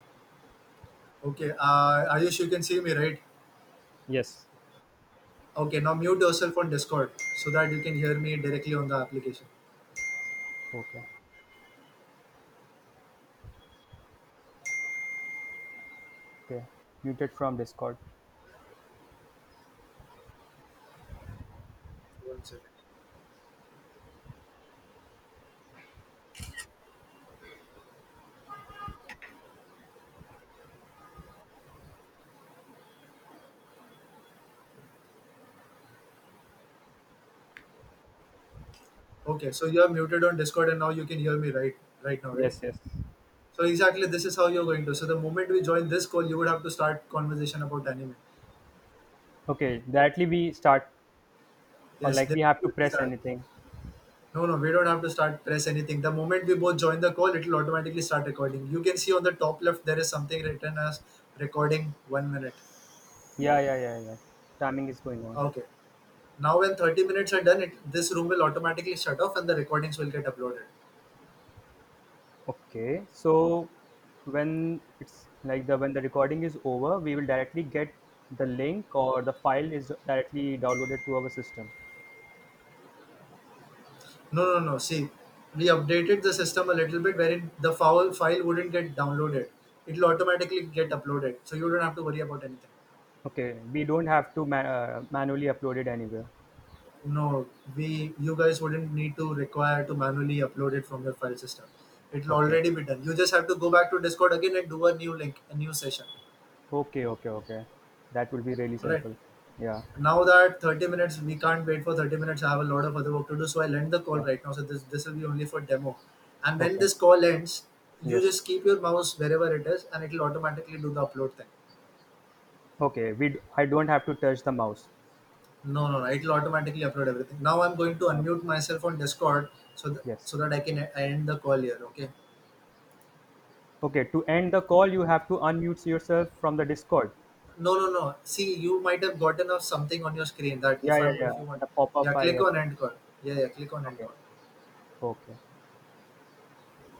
Okay, Ayush, you can see me, right? Yes. Okay, now mute yourself on Discord so that you can hear me directly on the application. Okay, okay. Muted from Discord. One second. Okay, so you are muted on Discord and now you can hear me right now, right? Yes. Yes. So exactly this is how you're going to. So the moment we join this call, you would have to start conversation about anime. Okay, directly we start, or Yes, like then we have we to will press start. anything. No, no, we don't have to start press anything. The moment we both join the call, it will automatically start recording. You can see on the top left there is something written as recording one minute. Yeah, yeah, yeah, yeah. Timing is going on. Okay. Now, when 30 minutes are done, it, this room will automatically shut off and the recordings will get uploaded. Okay, so when it's like the when the recording is over, we will directly get the link, or the file is directly downloaded to our system. No, no, no. See, we updated the system a little bit wherein the foul file wouldn't get downloaded. It'll automatically get uploaded. So you don't have to worry about anything. Okay, we don't have to manually upload it anywhere. No, we you guys wouldn't need to require to manually upload it from your file system. It'll Okay, already be done. You just have to go back to Discord again and do a new link, a new session. okay, okay, okay. That will be really All right. simple. Yeah, Now that 30 minutes, we can't wait for 30 minutes. I have a lot of other work to do, so I'll end the call yeah. right now. So this will be only for demo. And when Okay, this call ends, you yes. just keep your mouse wherever it is and it'll automatically do the upload thing. Okay, I don't have to touch the mouse. No, no, no, it'll automatically upload everything. Now I'm going to Okay. unmute myself on Discord so that Yes. so that I can end the call here. Okay, Okay, to end the call, you have to unmute yourself from the Discord. no, no, no, see, you might have gotten off something on your screen that Yeah, yeah, yeah. if you want. The pop-up Yeah, I click have. on end call. Yeah, click on end Okay. call. Okay.